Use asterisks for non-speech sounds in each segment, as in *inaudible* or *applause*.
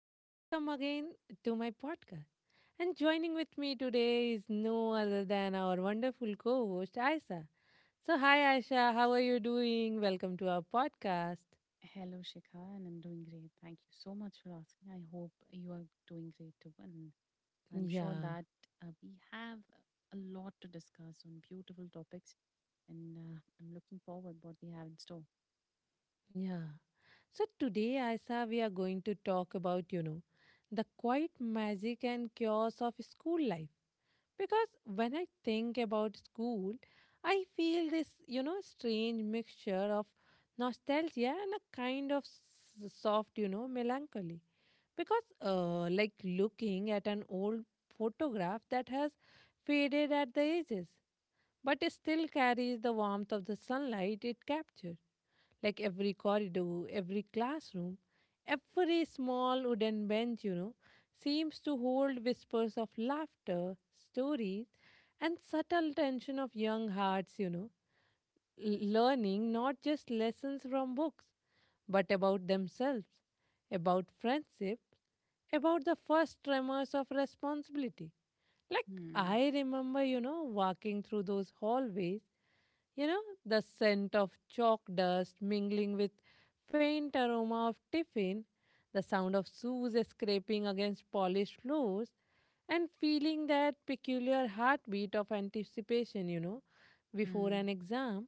and welcome again to my podcast. And joining with me today is no other than our wonderful co host, Aisha. So, hi, Aisha, how are you doing? Welcome to our podcast. Hello, Shikha, and I'm doing great. Thank you so much for asking. I hope you are doing great too. And I'm sure Yeah, that we have a lot to discuss on beautiful topics. And I'm looking forward what we have in store. yeah. So, today, Aisha, we are going to talk about, the quiet magic and chaos of school life. Because when I think about school, I feel this, strange mixture of nostalgia and a kind of soft, melancholy. Because, like looking at an old photograph that has faded at the edges, but it still carries the warmth of the sunlight it captured. Like every corridor, every classroom, every small wooden bench, seems to hold whispers of laughter, stories, and subtle tension of young hearts, learning not just lessons from books, but about themselves, about friendship, about the first tremors of responsibility. Like, Hmm. I remember, walking through those hallways the scent of chalk dust mingling with faint aroma of tiffin, the sound of shoes scraping against polished floors, and feeling that peculiar heartbeat of anticipation, before Hmm. an exam.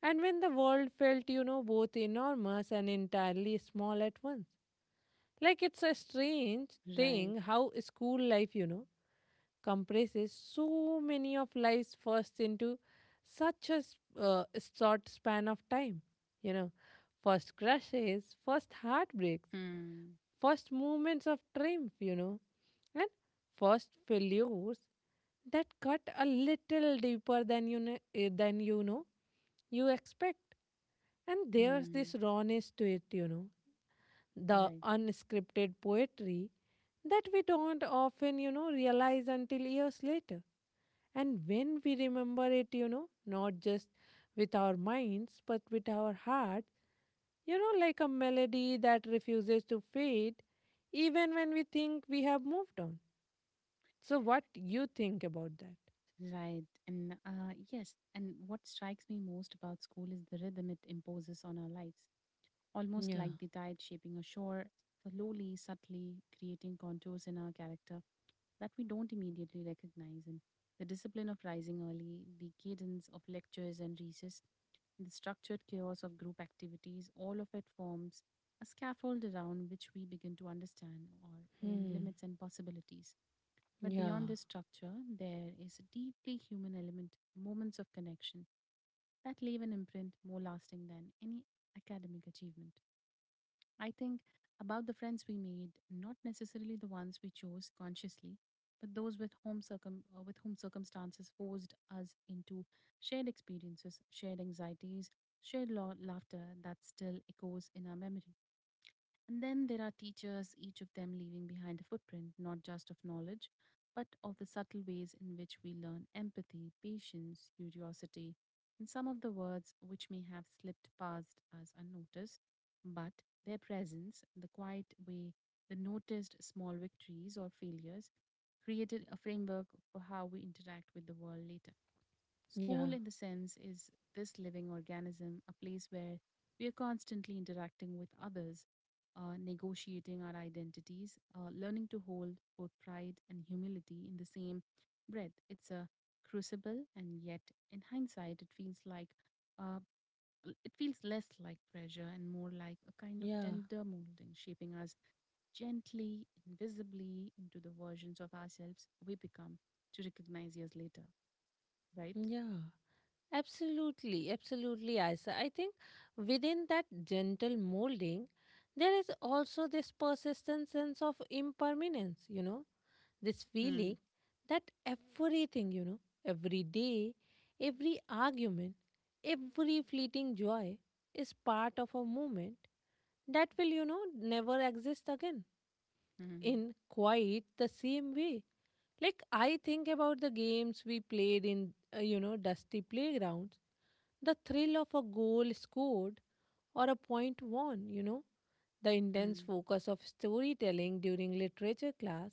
And when the world felt, both enormous and entirely small at once. Like it's a strange Right. thing how school life, compresses so many of life's firsts into such a short span of time. You know, first crushes, first heartbreaks, Hmm. first moments of triumph, and first failures that cut a little deeper than than you know you expect. And there's Hmm. this rawness to it, the Right. unscripted poetry that we don't often, realize until years later. And when we remember it, not just with our minds, but with our heart, like a melody that refuses to fade, even when we think we have moved on. So, what you think about that? Right. And yes, and what strikes me most about school is the rhythm it imposes on our lives, almost Yeah. like the tide shaping a shore, slowly, subtly creating contours in our character that we don't immediately recognize. And the discipline of rising early, the cadence of lectures and recess, and the structured chaos of group activities, all of it forms a scaffold around which we begin to understand our own Hmm. limits and possibilities. But Yeah. beyond this structure, there is a deeply human element, moments of connection that leave an imprint more lasting than any academic achievement. I think about the friends we made, not necessarily the ones we chose consciously, but those with whom circumstances forced us into shared experiences, shared anxieties, laughter that still echoes in our memory. And then there are teachers, each of them leaving behind a footprint, not just of knowledge, but of the subtle ways in which we learn empathy, patience, curiosity, and some of the words which may have slipped past us unnoticed, but their presence, the quiet way, the noticed small victories or failures, created a framework for how we interact with the world later. Yeah. School, in the sense, is this living organism, a place where we are constantly interacting with others, negotiating our identities, learning to hold both pride and humility in the same breath. It's a crucible, and yet, in hindsight, it feels like uh, it feels less like pressure and more like a kind of Yeah. tender molding, shaping us gently, invisibly into the versions of ourselves we become to recognize years later, right? Yeah. Yeah. Absolutely, absolutely, Isa. I think within that gentle molding, there is also this persistent sense of impermanence, this Hmm. feeling that everything, every day, every argument, every fleeting joy is part of a moment that will, never exist again Mhm. in quite the same way. Like I think about the games we played in, dusty playgrounds, the thrill of a goal scored or a point won, the intense Mm, focus of storytelling during literature class,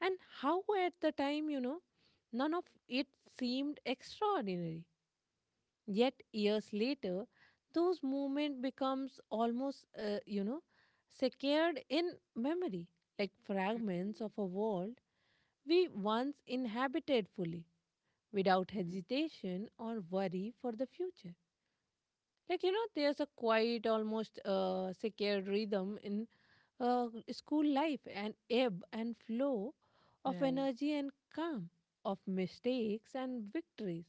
and how at the time, none of it seemed extraordinary. Yet years later, those moments becomes almost secured in memory, like mm, fragments of a world we once inhabited fully, without mm. hesitation or worry for the future. Like, there's a quiet, almost secure rhythm in school life, an ebb and flow of Right. energy and calm, of mistakes and victories.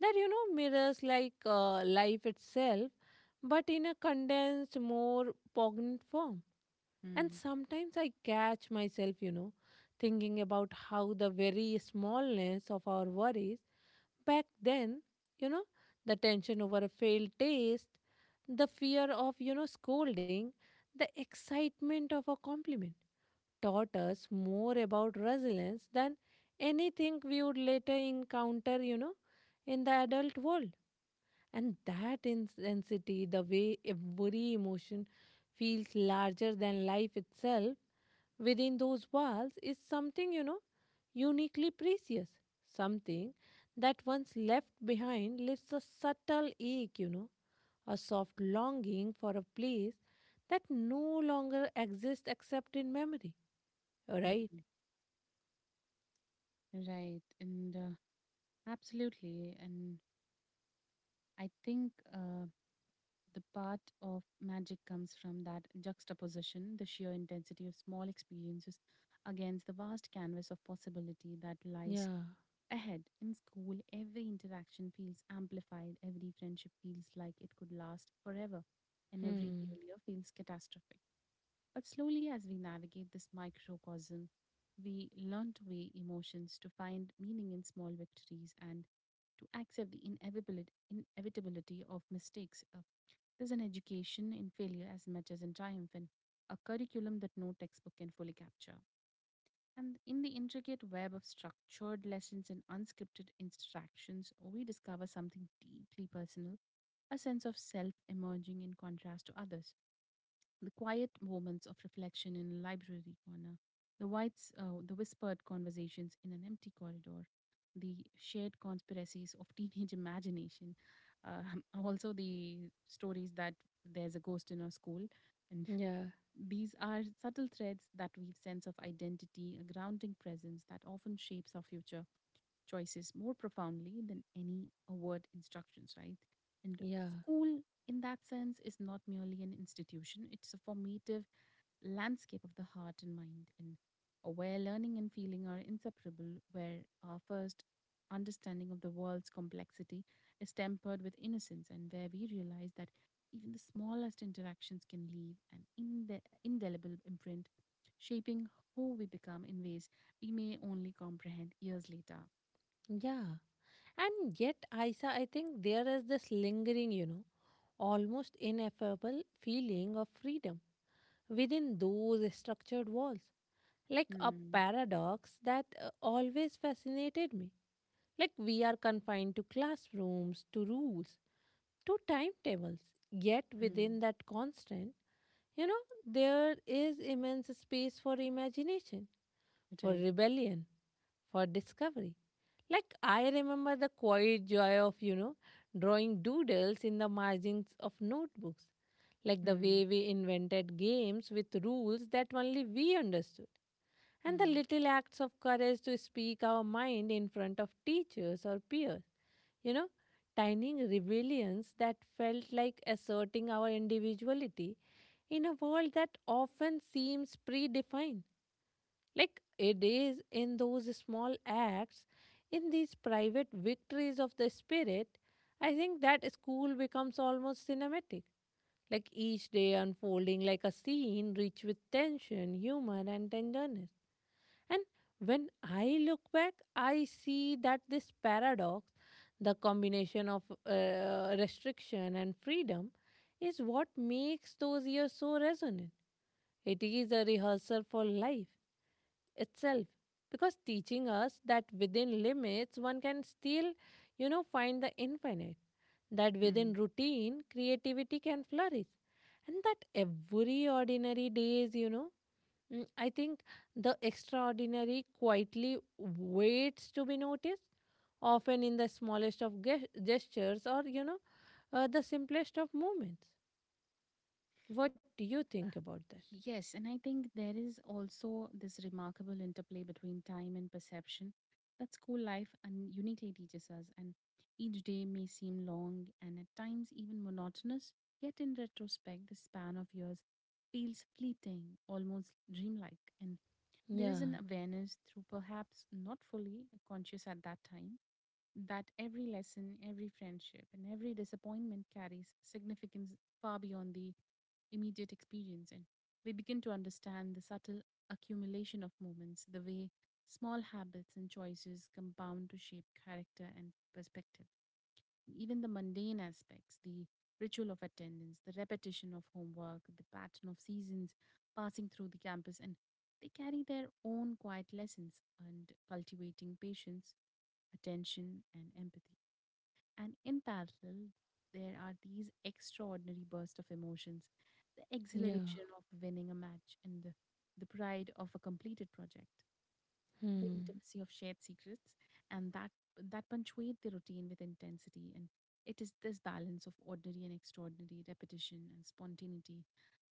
That, mirrors like life itself, but in a condensed, more poignant form. And Mm, sometimes I catch myself, thinking about how the very smallness of our worries back then, you know, the tension over a failed taste, the fear of, scolding, the excitement of a compliment taught us more about resilience than anything we would later encounter, in the adult world. And that intensity, the way every emotion feels larger than life itself within those walls, is something, uniquely precious. Something that once left behind leaves a subtle ache, a soft longing for a place that no longer exists except in memory. Right? mm. Right. And absolutely. And I think the part of magic comes from that juxtaposition, the sheer intensity of small experiences against the vast canvas of possibility that lies Yeah. ahead. In school, every interaction feels amplified, every friendship feels like it could last forever, and every Hmm. failure feels catastrophic. But slowly, as we navigate this microcosm, we learn to weigh emotions, to find meaning in small victories, and to accept the inevitability of mistakes. There's an education in failure as much as in triumph, and a curriculum that no textbook can fully capture. And in the intricate web of structured lessons and unscripted instructions, we discover something deeply personal, a sense of self emerging in contrast to others, the quiet moments of reflection in a library corner, the whispered conversations in an empty corridor, the shared conspiracies of *laughs* teenage imagination, uh, *laughs* also the stories that there's a ghost in our school, and Yeah. these are subtle threads that weave sense of identity, a grounding presence that often shapes our future choices more profoundly than any award instructions, right? And Yeah. school, in that sense, is not merely an institution, it's a formative landscape of the heart and mind, and where learning and feeling are inseparable, where our first understanding of the world's complexity is tempered with innocence, and where we realize that even the smallest interactions can leave an indelible imprint, shaping who we become in ways we may only comprehend years later. Yeah. And yet, Aisa, I think there is this lingering, almost ineffable feeling of freedom within those structured walls. Like a Hmm. paradox that always fascinated me. Like we are confined to classrooms, to rules, to timetables. Yet Hmm. within that constant, there is immense space for imagination for Right. rebellion, for discovery. Like I remember the quiet joy of, drawing doodles in the margins of notebooks, like the Hmm. way we invented games with rules that only we understood, and the Hmm. little acts of courage to speak our mind in front of teachers or peers, you know, tiny rebellions that felt like asserting our individuality in a world that often seems predefined. Like it is in those small acts, in these private victories of the spirit, I think that school becomes almost cinematic. Like each day unfolding like a scene rich with tension, humor, and tenderness. And when I look back, I see that this paradox, the combination of restriction and freedom, is what makes those years so resonant. It is a rehearsal for life itself because teaching us that within limits one can still find the infinite that Hmm. within routine creativity can flourish and that every ordinary days I think the extraordinary quietly waits to be noticed often in the smallest of gestures or the simplest of movements. What do you think about that? Yes, and I think there is also this remarkable interplay between time and perception that school life and uniquely teaches us. And each day may seem long and at times even monotonous, yet in retrospect, the span of years feels fleeting, almost dreamlike. And there is Yeah, an awareness through perhaps not fully conscious at that time that every lesson, every friendship, and every disappointment carries significance far beyond the immediate experience. And we begin to understand the subtle accumulation of moments, the way small habits and choices compound to shape character and perspective. Even the mundane aspects, the ritual of attendance, the repetition of homework, the pattern of seasons passing through the campus, and they carry their own quiet lessons and cultivating patience, attention, and empathy. And in parallel, there are these extraordinary bursts of emotions, the yeah. exhilaration of winning a match and the pride of a completed project, the Hmm. intimacy of shared secrets, and that, that punctuate the routine with intensity, and it is this balance of ordinary and extraordinary, repetition and spontaneity,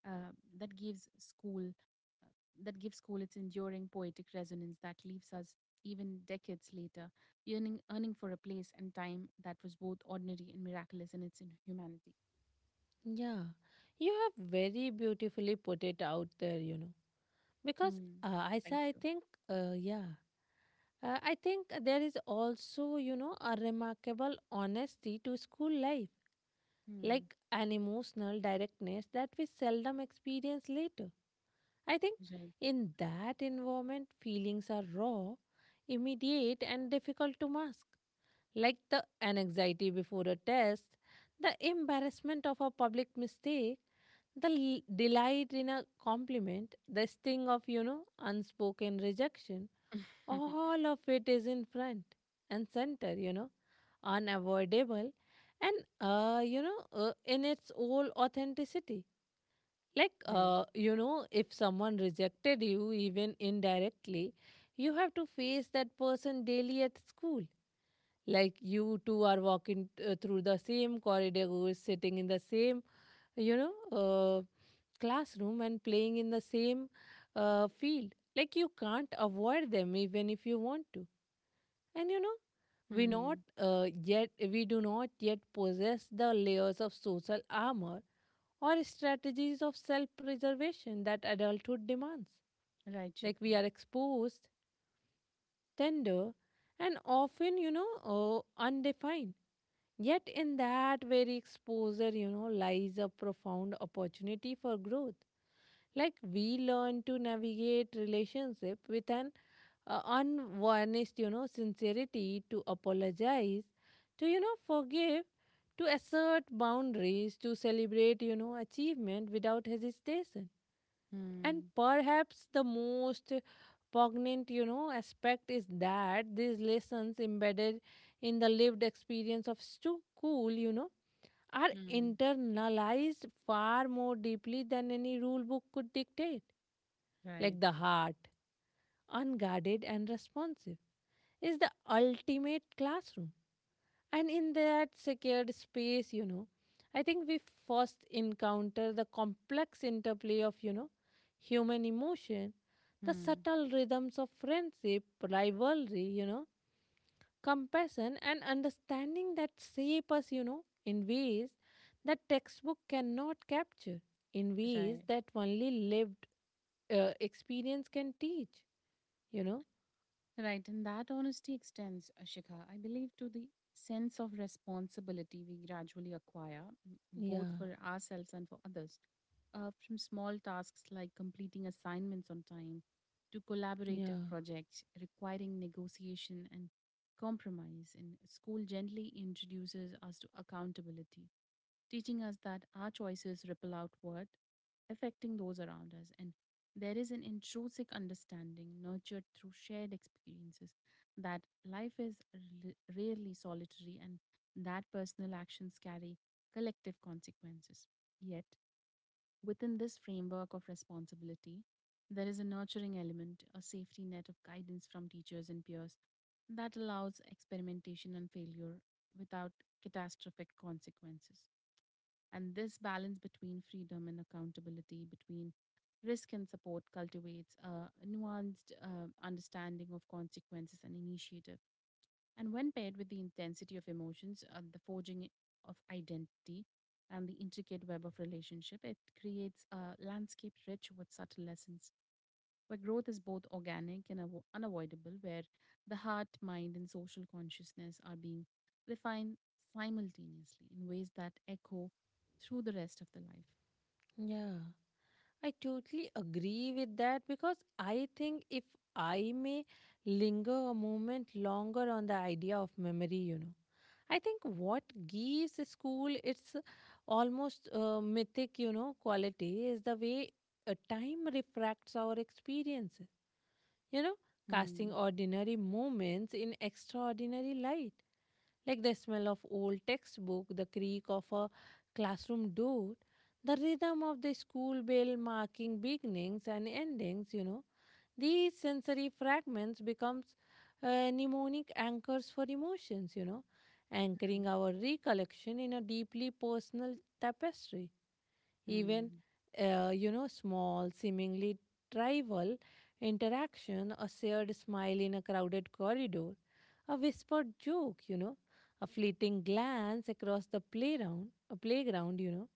uh, that gives school uh, that gives school its enduring poetic resonance that leaves us even decades later yearning earning for a place and time that was both ordinary and miraculous in its humanity. Yeah, you have very beautifully put it out there, Because Hmm. I Thank say, I you. think, uh, yeah, I think there is also, a remarkable honesty to school life, Hmm. like an emotional directness that we seldom experience later. I think in that environment, feelings are raw, immediate, and difficult to mask like the anxiety before a test, the embarrassment of a public mistake, the delight in a compliment, the sting of, unspoken rejection, Right. *laughs* all of it is in front and center, unavoidable and in its whole authenticity. Like, Right. If someone rejected you, even indirectly, you have to face that person daily at school like you two are walking through the same corridor who is sitting in the same you know uh, classroom and playing in the same field like you can't avoid them even if you want to and you know we not Hmm. Yet we do not yet possess the layers of social armor or strategies of self preservation that adulthood demands. Right. Like we Shikha. are exposed, tender, and often, undefined. Yet, in that very exposure, lies a profound opportunity for growth. Like, we learn to navigate relationship with an unvarnished, sincerity to apologize, to, forgive, to assert boundaries, to celebrate, achievement without hesitation. And Hmm. perhaps the most poignant, aspect is that these lessons embedded in the lived experience of school, are Hmm. internalized far more deeply than any rule book could dictate. Right. Like the heart, unguarded and responsive, is the ultimate classroom. And in that secured space, I think we first encounter the complex interplay of, human emotion, the Hmm. subtle rhythms of friendship, rivalry, compassion and understanding that shape us, in ways that textbook cannot capture, in ways Right. that only lived experience can teach, you know? Right. And that honesty extends, Shikha, I believe, to the sense of responsibility we gradually acquire, Yeah, both for ourselves and for others. From small tasks like completing assignments on time to collaborative yeah, projects requiring negotiation and compromise, and school gently introduces us to accountability, teaching us that our choices ripple outward, affecting those around us. And there is an intrinsic understanding nurtured through shared experiences that life is rarely solitary and that personal actions carry collective consequences. Yet, within this framework of responsibility, there is a nurturing element, a safety net of guidance from teachers and peers that allows experimentation and failure without catastrophic consequences. And this balance between freedom and accountability, between risk and support, cultivates a nuanced understanding of consequences and initiative. And when paired with the intensity of emotions, the forging of identity, and the intricate web of relationship, it creates a landscape rich with subtle lessons where growth is both organic and unavoidable, where the heart, mind, and social consciousness are being refined simultaneously in ways that echo through the rest of the life. yeah. I totally agree with that because I think if I may linger a moment longer on the idea of memory, I think what gives a school its almost mythic, quality is the way time refracts our experiences, you know, casting Hmm. ordinary moments in extraordinary light. Like the smell of old textbook, the creak of a classroom door, the rhythm of the school bell marking beginnings and endings, these sensory fragments becomes mnemonic anchors for emotions, anchoring our recollection in a deeply personal tapestry. Even, Hmm. Small, seemingly trivial interaction, a shared smile in a crowded corridor, a whispered joke, a fleeting glance across the playground, a playground,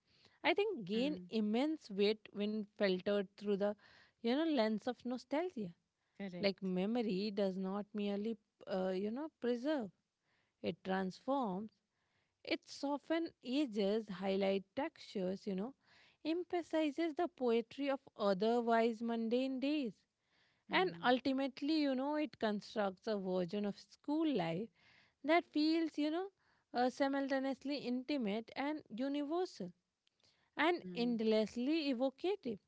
I think Hmm. gain Hmm. immense weight when filtered through the, lens of nostalgia. Correct. Like memory does not merely, preserve. It transforms. It softens ages, highlight textures, emphasizes the poetry of otherwise mundane days. And Hmm. ultimately, it constructs a version of school life that feels, simultaneously intimate and universal and Hmm. endlessly evocative.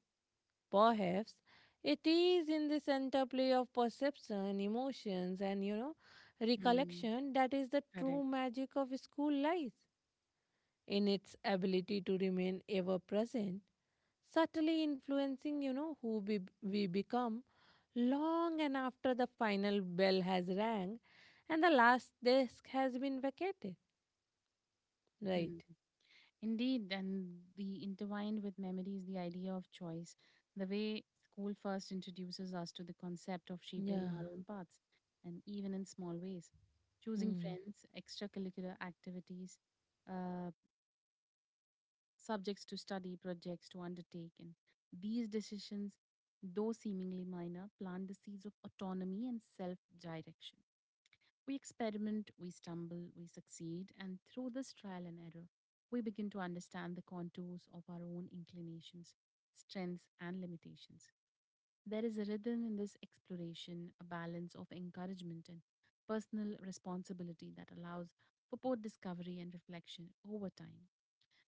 Perhaps it is in this interplay of perception, emotions, and Hmm. recollection that is the true Correct. magic of school life, in its ability to remain ever present, subtly influencing, we become long and after the final bell has rang and the last desk has been vacated. Hmm. Right. Indeed, and the intertwined with memory is the idea of choice. The way school first introduces us to the concept of shaping Yeah. our own paths, and even in small ways, choosing Hmm. friends, extracurricular activities, uh, subjects to study, projects to undertake, and these decisions, though seemingly minor, plant the seeds of autonomy and self-direction. We experiment, we stumble, we succeed, and through this trial and error, we begin to understand the contours of our own inclinations, strengths, and limitations. There is a rhythm in this exploration, a balance of encouragement and personal responsibility that allows for both discovery and reflection over time.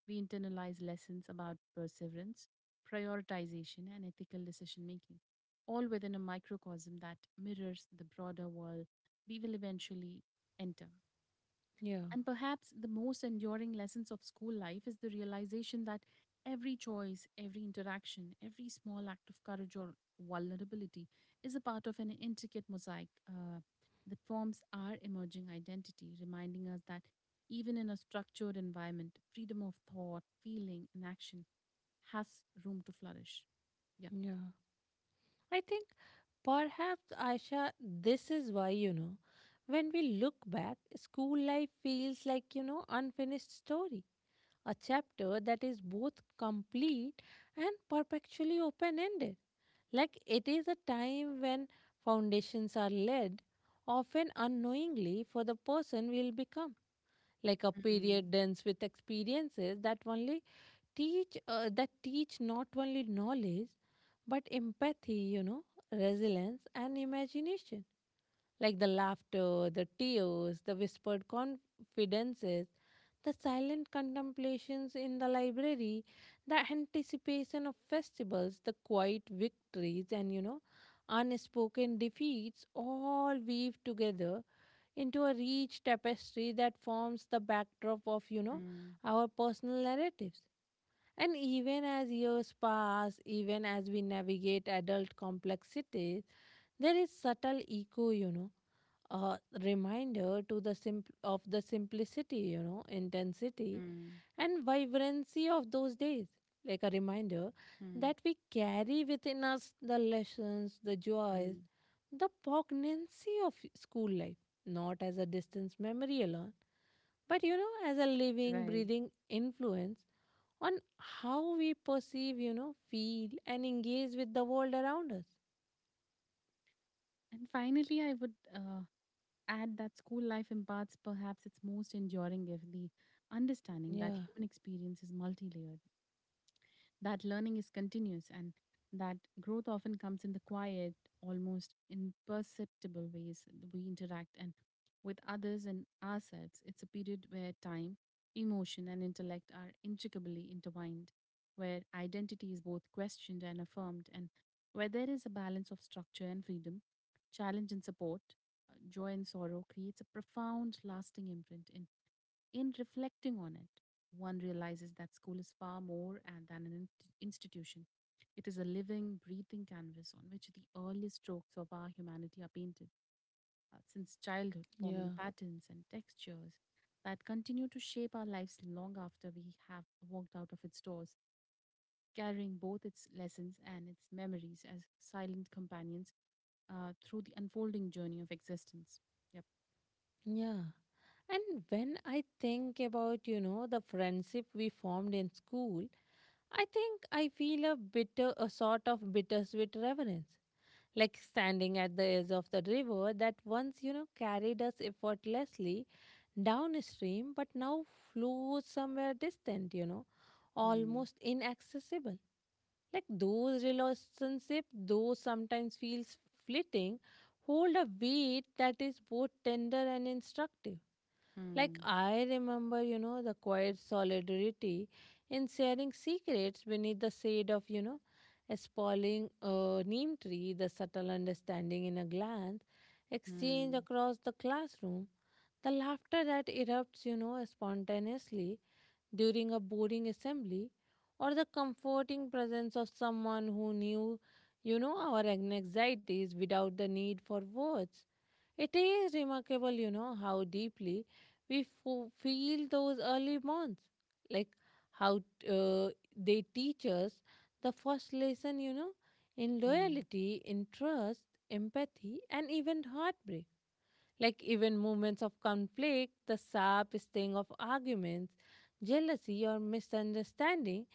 We internalize lessons about perseverance, prioritization, and ethical decision making, all within a microcosm that mirrors the broader world we will eventually enter. Yeah. And perhaps the most enduring lessons of school life is the realization that every choice, every interaction, every small act of courage or vulnerability is a part of an intricate mosaic that forms our emerging identity, reminding us that even in a structured environment, freedom of thought, feeling, and action has room to flourish. Yeah. Yeah. I think perhaps, Aisha, this is why, when we look back, school life feels like, unfinished story, a chapter that is both complete and perpetually open-ended. Like it is a time when foundations are laid, often unknowingly, for the person will become. Like a period Mm, dense with experiences that only teach not only knowledge but empathy resilience, and imagination, like the laughter, the tears, the whispered confidences, the silent contemplations in the library, the anticipation of festivals, the quiet victories, and unspoken defeats all weave together into a rich tapestry that forms the backdrop of mm, our personal narratives. And even as years pass, even as we navigate adult complexities, there is subtle echo, a reminder of the simplicity, intensity, mm, and vibrancy of those days. Like a reminder mm, that we carry within us the lessons, the joys, mm. the poignancy of school life, not as a distant memory alone, but as a living, Right. breathing influence on how we perceive, feel, and engage with the world around us. And finally, I would add that school life imparts perhaps its most enduring gift, the understanding that Yeah, human experience is multi layered, that learning is continuous and that growth often comes in the quiet, almost imperceptible ways that we interact and with others and ourselves. It's a period where time, emotion, and intellect are intricately intertwined, where identity is both questioned and affirmed, and where there is a balance of structure and freedom, challenge and support, joy and sorrow creates a profound, lasting imprint. In reflecting on it, one realizes that school is far more and than an institution. It is a living, breathing canvas on which the early strokes of our humanity are painted since childhood, yeah, forming patterns and textures that continue to shape our lives long after we have walked out of its doors, carrying both its lessons and its memories as silent companions through the unfolding journey of existence. Yep. yeah. And when I think about, the friendship we formed in school, I think I feel a sort of bittersweet reverence. Like standing at the edge of the river that once, carried us effortlessly downstream, but now flows somewhere distant, Hmm. almost inaccessible. Like those relationship, though sometimes feels fleeting, hold a weight that is both tender and instructive. Like Hmm. I remember, the quiet solidarity in sharing secrets beneath the shade of, a sprawling neem tree, the subtle understanding in a glance, exchange Hmm. across the classroom, the laughter that erupts, spontaneously during a boring assembly, or the comforting presence of someone who knew, our anxieties without the need for words. It is remarkable, how deeply feel those early bonds, like how uh, they teach us the first lesson, in Hmm. loyalty, in trust, empathy, and even heartbreak. Like even moments of conflict, the sharp sting of arguments, jealousy, or misunderstanding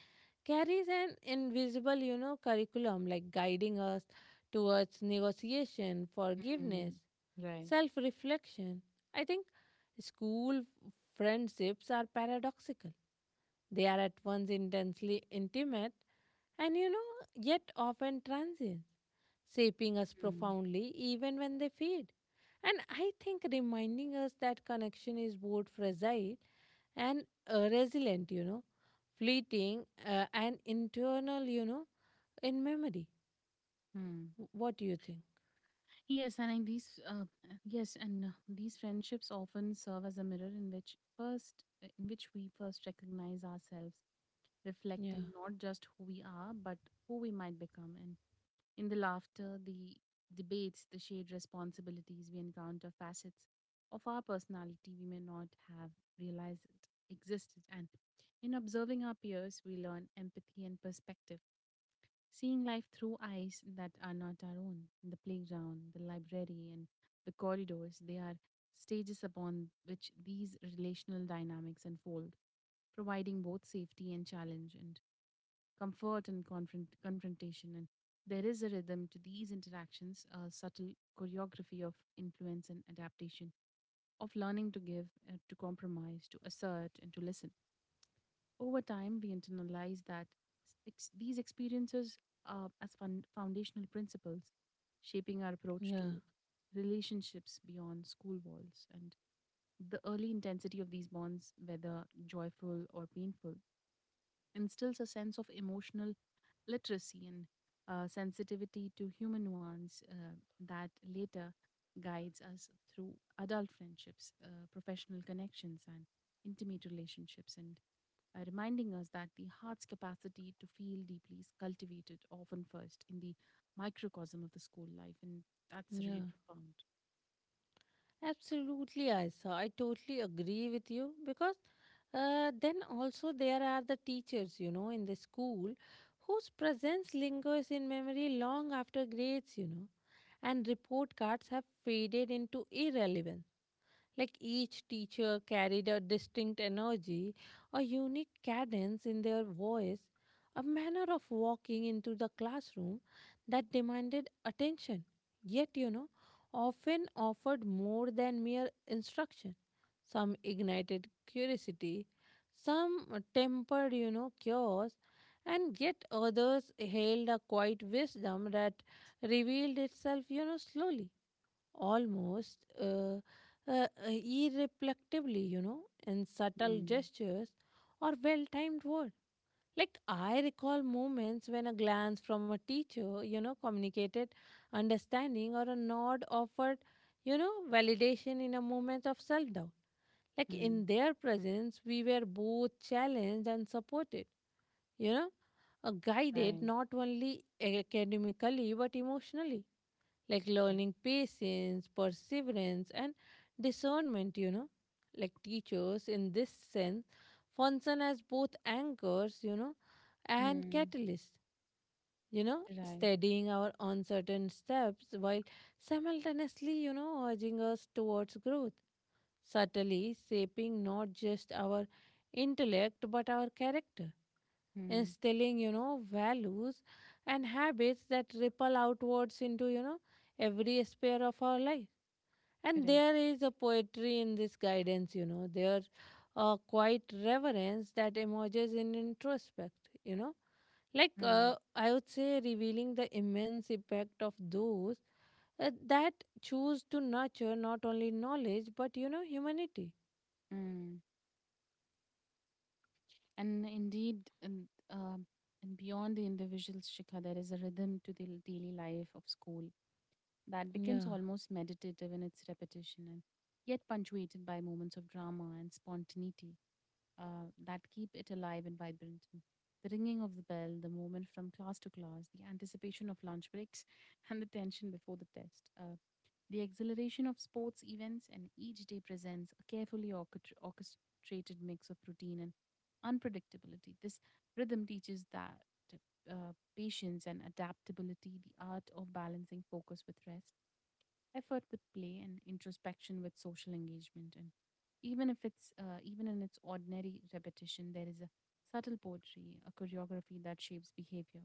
carries an invisible, curriculum, like guiding us towards negotiation, forgiveness, Mm, right. self reflection. I think school friendships are paradoxical. They are at once intensely intimate and, yet often transient, shaping us Mm, profoundly even when they fade. And I think reminding us that connection is both fragile and resilient, fleeting and internal, in memory. mm. What do you think? Yes, and I, these uh, yes, and these friendships often serve as a mirror in which first in which we first recognize ourselves, Yeah, reflecting not just who we are but who we might become. And in the laughter, the debates, the shared responsibilities, we encounter facets of our personality we may not have realized existed. And in observing our peers, we learn empathy and perspective. Seeing life through eyes that are not our own, the playground, the library, and the corridors, they are stages upon which these relational dynamics unfold, providing both safety and challenge, and comfort and confrontation. And there is a rhythm to these interactions, a subtle choreography of influence and adaptation, of learning to give, to compromise, to assert, and to listen. Over time, we internalize that these experiences are as foundational principles, shaping our approach yeah, to relationships beyond school walls and the early intensity of these bonds, whether joyful or painful, instills a sense of emotional literacy and sensitivity to human nuance that later guides us through adult friendships, professional connections, and intimate relationships, and reminding us that the heart's capacity to feel deeply is cultivated often first in the microcosm of the school life, and that's yeah. really profound. Absolutely, Aisa. I totally agree with you because then also there are the teachers, in the school, whose presence lingers in memory long after grades, and report cards, have faded into irrelevance. Like each teacher carried a distinct energy, a unique cadence in their voice, a manner of walking into the classroom that demanded attention, yet, often offered more than mere instruction. Some ignited curiosity, some tempered, chaos, and yet others held a quiet wisdom that revealed itself, slowly, almost irreflectively, in subtle Mm, gestures or well timed words. Like, I recall moments when a glance from a teacher, communicated understanding, or a nod offered, validation in a moment of self doubt. Like, mm, in their presence, we were both challenged and supported, you know, guided right. not only academically but emotionally, like Yeah. learning patience, perseverance, and discernment. Like teachers, in this sense, function as both anchors, and Mm, catalysts, right. steadying our uncertain steps while simultaneously, urging us towards growth, subtly shaping not just our intellect but our character, Mm, instilling, values and habits that ripple outwards into, every sphere of our life. And correct. there is a poetry in this guidance. There's a quiet reverence that emerges in introspect. Like, Mm, I would say, revealing the immense impact of those that choose to nurture not only knowledge, but, humanity. mm. And indeed, um and beyond the individual's shikha, there is a rhythm to the daily life of school that Yeah, becomes almost meditative in its repetition and yet punctuated by moments of drama and spontaneity that keep it alive and vibrant. And the ringing of the bell, the movement from class to class, the anticipation of lunch breaks, *laughs* and the tension before the test. The exhilaration of sports events and each day presents a carefully orchestrated mix of routine and unpredictability. This rhythm teaches that patience and adaptability, the art of balancing focus with rest, effort with play, and introspection with social engagement. And even if it's even in its ordinary repetition, there is a subtle poetry, a choreography that shapes behavior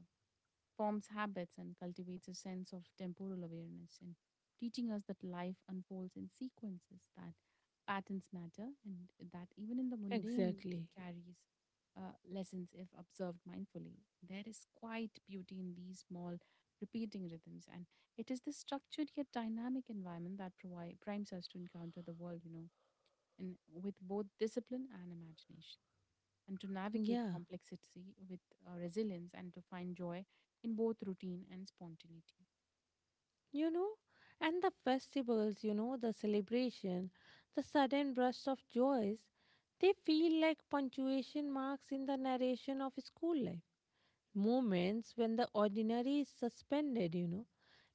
forms habits and cultivates a sense of temporal awareness and teaching us that life unfolds in sequences, that patterns matter, and that even in the mundane exactly. carries lessons if observed mindfully. There is quite beauty in these small repeating rhythms, and it is this structured yet dynamic environment that primes us to encounter the world, you know, and with both discipline and imagination and to navigate Yeah. complexity with resilience and to find joy in both routine and spontaneity. you know and the festivals, the celebration, the sudden burst of joys, they feel like punctuation marks in the narration of school life, moments when the ordinary is suspended,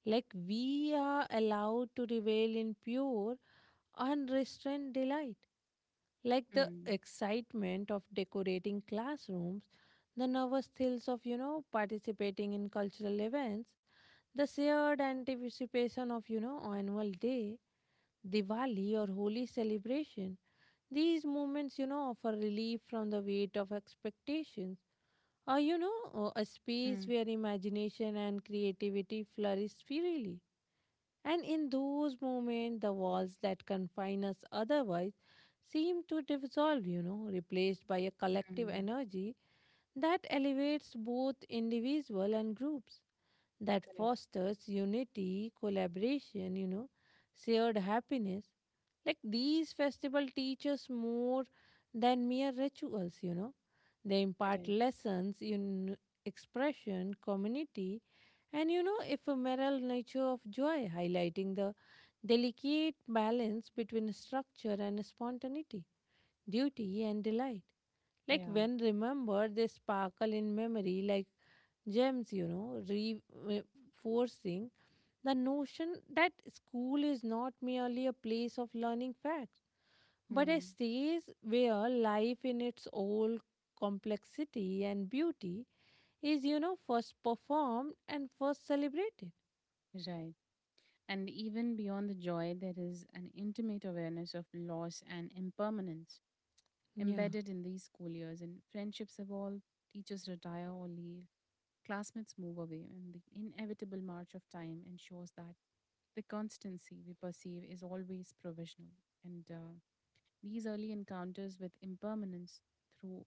like we are allowed to revel in pure unrestrained delight, like the Mm, excitement of decorating classrooms, the nervous thrills of, participating in cultural events, the shared anticipation of, annual day, Diwali or Holi celebration. These moments, offer relief from the weight of expectations, or, a space mm, where imagination and creativity flourish freely. And in those moments, the walls that confine us otherwise seem to dissolve, replaced by a collective mm. energy that elevates both individual and groups, that Correct. fosters unity, collaboration, shared happiness. Like these festival teach us more than mere rituals. They impart Correct. lessons in expression, community, and ephemeral nature of joy, highlighting the delicate balance between structure and spontaneity, duty and delight. Like Yeah. when remembered, they sparkle in memory like gems, reinforcing the notion that school is not merely a place of learning facts, but a Mm, stage where life, in its old complexity and beauty, is first performed and first celebrated. right. And even beyond the joy, there is an intimate awareness of loss and impermanence Yeah, embedded in these school years. And friendships evolve, teachers retire or leave, classmates move away, and the inevitable march of time ensures that the constancy we perceive is always provisional. And These early encounters with impermanence, through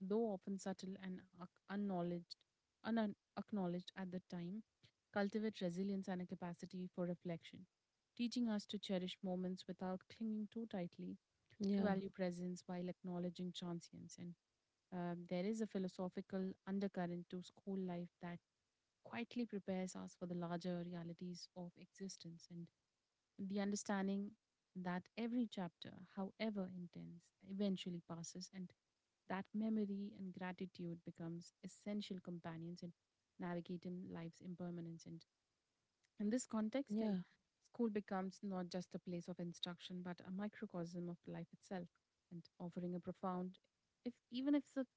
though often subtle and unacknowledged, unacknowledged at the time, cultivate resilience and a capacity for reflection, teaching us to cherish moments without clinging too tightly, to yeah, value presence while acknowledging transience. And there is a philosophical undercurrent to school life that quietly prepares us for the larger realities of existence. And the understanding that every chapter, however intense, eventually passes, and that memory and gratitude becomes essential companions in navigating life's impermanence and in this context, yeah, and school becomes not just a place of instruction, but a microcosm of life itself, and offering a profound, if even if sub,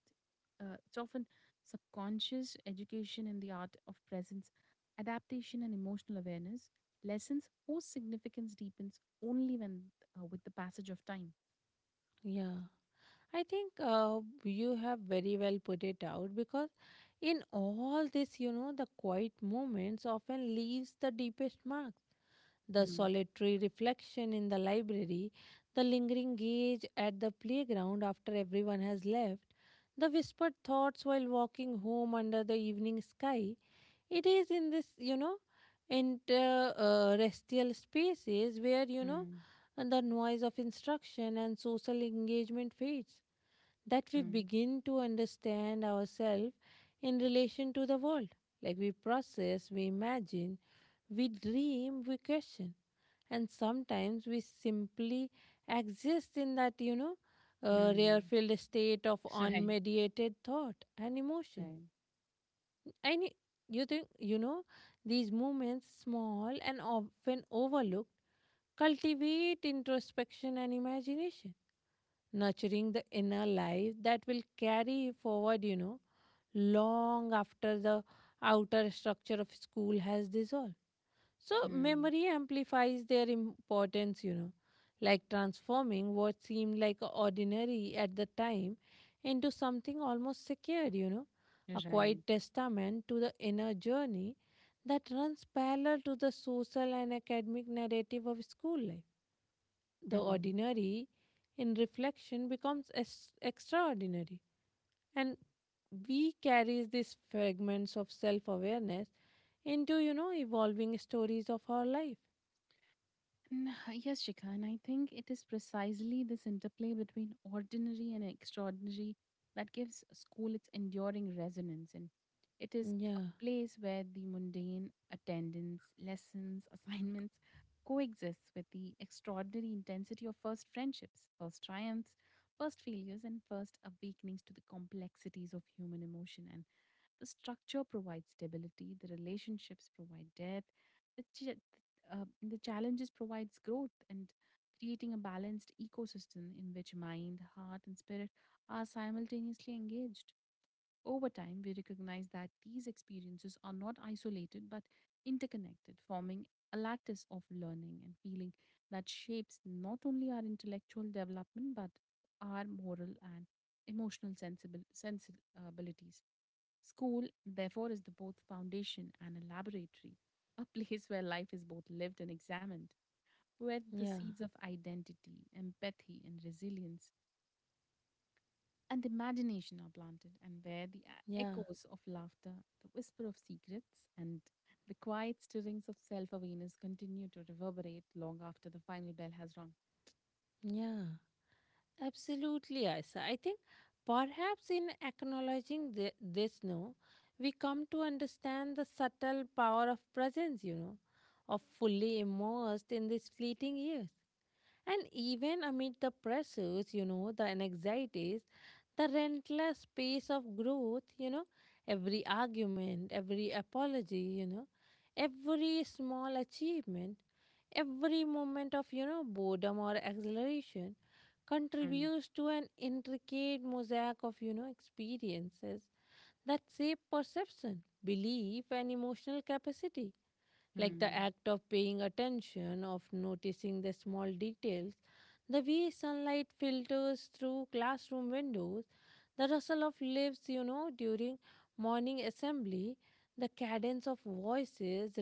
it's often subconscious education in the art of presence, adaptation, and emotional awareness. Lessons whose significance deepens only when with the passage of time. yeah. I think you have very well put it out, because in all this, the quiet moments often leaves the deepest marks. The Hmm. solitary reflection in the library, the lingering gaze at the playground after everyone has left, the whispered thoughts while walking home under the evening sky. It is in this, interestial restial spaces where, Hmm. and the noise of instruction and social engagement fades, that we Hmm. begin to understand ourselves in relation to the world. Like we process, we imagine, we dream, we question, and sometimes we simply exist in that, rare Hmm. filled state of Right. unmediated thought and emotion. Right. I need you think these movements, small and often overlooked, cultivate introspection and imagination, nurturing the inner life that will carry forward. Long after the outer structure of school has dissolved. So Hmm. memory amplifies their importance, like transforming what seemed like a ordinary at the time into something almost secured, a Right. quiet testament to the inner journey that runs parallel to the social and academic narrative of school life. The Hmm. ordinary in reflection becomes extraordinary, and we carries these fragments of self-awareness into evolving stories of our life. Yes, Shikha, and I think it is precisely this interplay between ordinary and extraordinary that gives school its enduring resonance. And it is a Yeah, place where the mundane attendance, lessons, *laughs* assignments coexists with the extraordinary intensity of first friendships, first triumphs, first failures, and first awakenings to the complexities of human emotion. The structure provides stability, the relationships provide depth, the, ch- the challenges provides growth and creating a balanced ecosystem in which mind, heart and spirit are simultaneously engaged. Over time, we recognize that these experiences are not isolated but interconnected, forming a lattice of learning and feeling that shapes not only our intellectual development but our moral and emotional sensibilities. School, therefore, is the both foundation and a laboratory, *laughs* a place where life is both lived and examined, where the yeah, seeds of identity, empathy, and resilience and imagination are planted, and where the yeah, echoes of laughter, the whisper of secrets, and the quiet stirrings of self awareness continue to reverberate long after the final bell has rung. yeah. Absolutely, Aisa. I think perhaps in acknowledging this, no, we come to understand the subtle power of presence, of fully immersed in these fleeting years. And even amid the pressures, the anxieties, the relentless pace of growth, every argument, every apology, every small achievement, every moment of, boredom or exhilaration, Mm, contributes to an intricate mosaic of, experiences that shape perception, belief, and emotional capacity, like the mm, act of paying attention, of noticing the small details, the way sunlight filters through classroom windows, the rustle of leaves, during morning assembly, the cadence of voices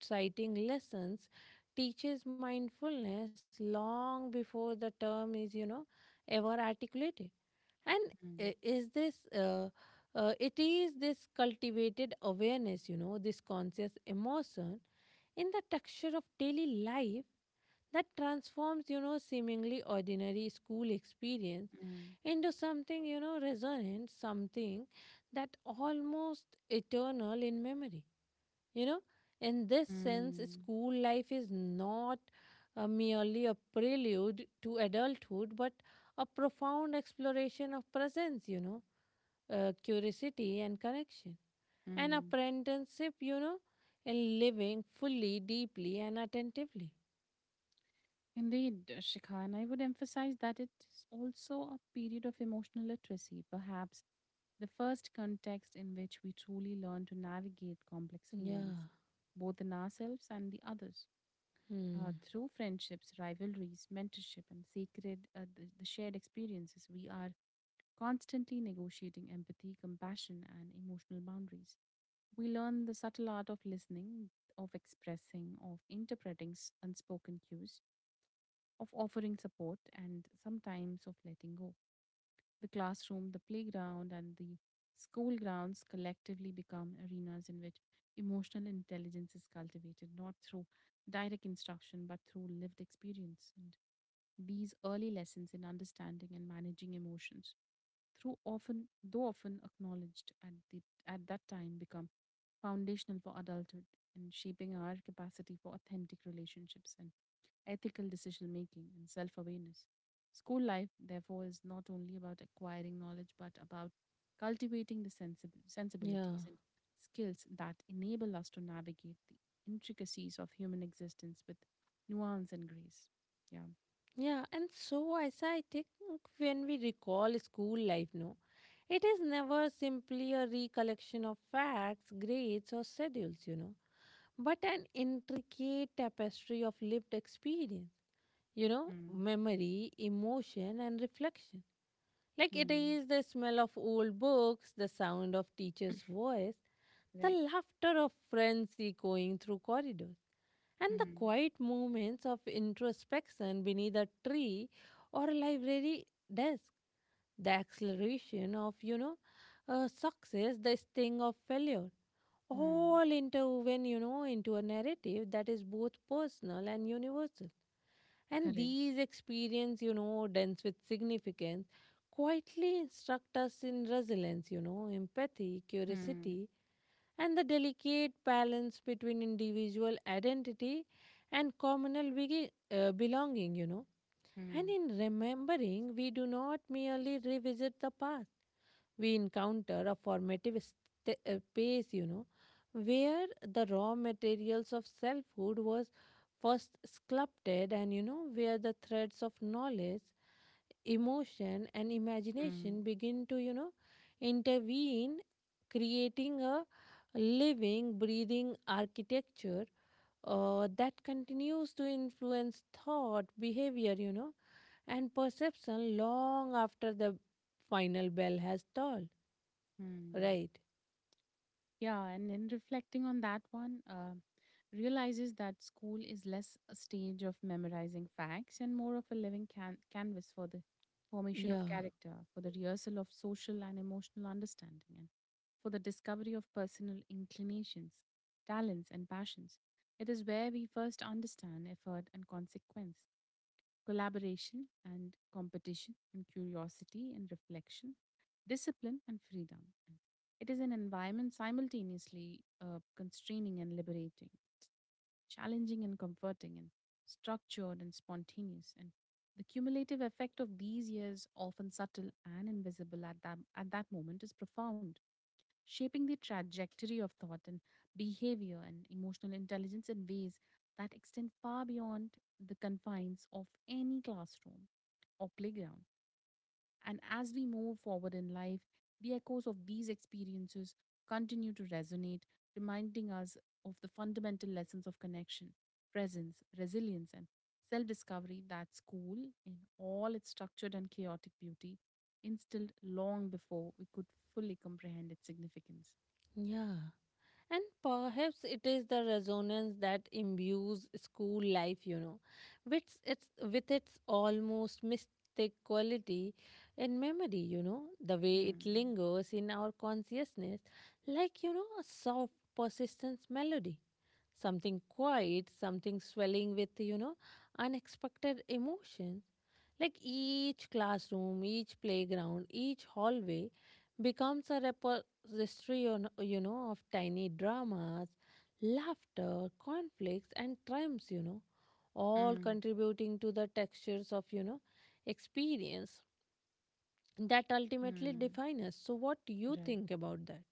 reciting lessons teaches mindfulness long before the term is, ever articulated. And mm, I- is this. It is this cultivated awareness, this conscious emotion in the texture of daily life that transforms, seemingly ordinary school experience mm, into something, resonant, something that almost eternal in memory. You know, in this sense, mm, school life is not merely a prelude to adulthood, but a profound exploration of presence, curiosity and connection, an mm. apprenticeship, in living fully, deeply, and attentively. Indeed, Shikha, and I would emphasize that it's also a period of emotional literacy, perhaps the first context in which we truly learn to navigate complex Yeah. feelings, both in ourselves and the others. Hmm. Through friendships, rivalries, mentorship, and sacred the shared experiences, we are constantly negotiating empathy, compassion, and emotional boundaries. We learn the subtle art of listening, of expressing, of interpreting unspoken cues, of offering support, and sometimes of letting go. The classroom, the playground, and the school grounds collectively become arenas in which emotional intelligence is cultivated, not through direct instruction, but through lived experience. And these early lessons in understanding and managing emotions through often though often acknowledged at the at that time become foundational for adulthood and shaping our capacity for authentic relationships and ethical decision making and self awareness. School life, therefore, is not only about acquiring knowledge but about cultivating the Yeah. sensibilities and skills that enable us to navigate the intricacies of human existence with nuance and grace. Yeah. Yeah. And so, Aisa, I think when we recall school life, no, it is never simply a recollection of facts, grades, or schedules, but an intricate tapestry of lived experience, Mm. memory, emotion, and reflection. Like it Mm. is the smell of old books, the sound of teacher's voice, the Right. laughter of friends echoing through corridors, and the Mm. quiet moments of introspection beneath a tree or a library desk. The acceleration of, success, the sting of failure, Mm. all interwoven, into a narrative that is both personal and universal. And Correct. these experiences, dense with significance, quietly instruct us in resilience, empathy, Mm, curiosity, and the delicate balance between individual identity and communal belonging. And mm, in remembering, we do not merely revisit the past, we encounter a formative space, where the raw materials of selfhood was first sculpted, and, where the threads of knowledge, emotion, and mm, imagination begin to, intervene, creating a living, breathing architecture that continues to influence thought, behavior, and perception long after the final bell has tolled. mm. Right. Yeah, and in reflecting on that one, realizes that school is less a stage of memorizing facts and more of a living canvas for the formation Yeah. of character, for the rehearsal of social and emotional understanding, and for the discovery of personal inclinations, talents, and passions. It is where we first understand effort and consequence, collaboration and competition and curiosity and reflection, discipline and freedom. It is an environment simultaneously constraining and liberating, challenging and comforting, and structured and spontaneous. And the cumulative effect of these years, often subtle and invisible at that moment, is profound, shaping the trajectory of thought and behavior and emotional intelligence in ways that extend far beyond the confines of any classroom or playground. And as we move forward in life, the echoes of these experiences continue to resonate, reminding us of the fundamental lessons of connection, presence, resilience, and self discovery that school, in all its structured and chaotic beauty, instilled long before we could fully comprehend its significance. Yeah. And perhaps it is the resonance that imbues school life, which it's with its almost mystic quality and memory, the way it Mm. lingers in our consciousness, like, a soft persistence melody. Something quiet, something swelling with, unexpected emotion. Like each classroom, each playground, each hallway becomes a repository, of tiny dramas, laughter, conflicts, and triumphs, all Mm. contributing to the textures of, experience that ultimately Mm. define us. So, what do you Right. think about that?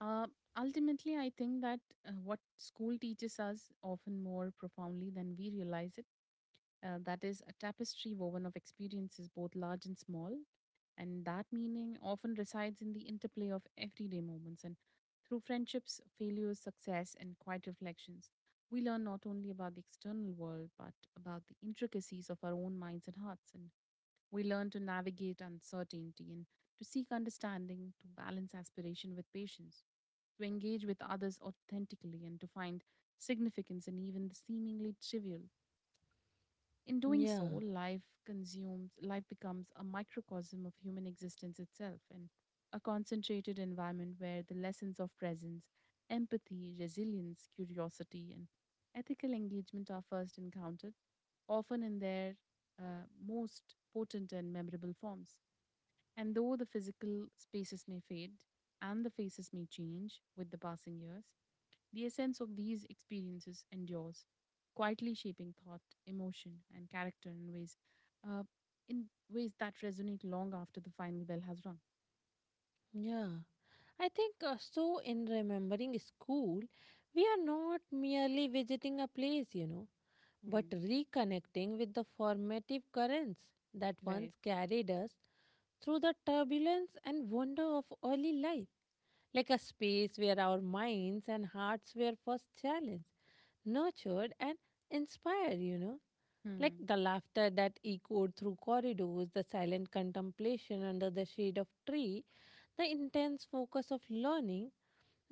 Uh, Ultimately, I think that what school teaches us often more profoundly than we realize it. That is a tapestry woven of experiences, both large and small. And that meaning often resides in the interplay of everyday moments. And through friendships, failures, success, and quiet reflections, we learn not only about the external world, but about the intricacies of our own minds and hearts. And we learn to navigate uncertainty and to seek understanding, to balance aspiration with patience, to engage with others authentically, and to find significance in even the seemingly trivial. In doing so, Yeah, life becomes a microcosm of human existence itself and a concentrated environment where the lessons of presence, empathy, resilience, curiosity, and ethical engagement are first encountered, often in their most potent and memorable forms. And though the physical spaces may fade and the faces may change with the passing years, the essence of these experiences endures, quietly shaping thought, emotion, and character uh, in ways that resonate long after the final bell has rung. yeah. I think So, in remembering school, we are not merely visiting a place, but Hmm. reconnecting with the formative currents that once Right. carried us through the turbulence and wonder of early life, like a space where our minds and hearts were first challenged, nurtured, and inspired, you know. Like Hmm. the laughter that echoed through corridors, the silent contemplation under the shade of tree, the intense focus of learning,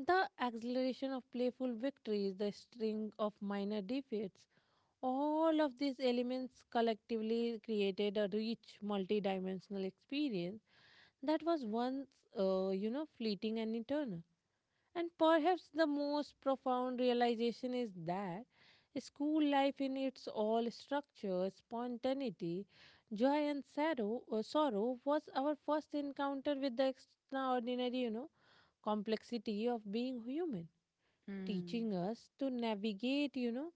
the exhilaration of playful victories, the string of minor defeats, all of these elements collectively created a rich multidimensional experience that was once, fleeting and eternal. And perhaps the most profound realization is that school life, in its all structure, spontaneity, joy, and sorrow, sorrow, was our first encounter with the extraordinary, complexity of being human, Hmm. teaching us to navigate, you know,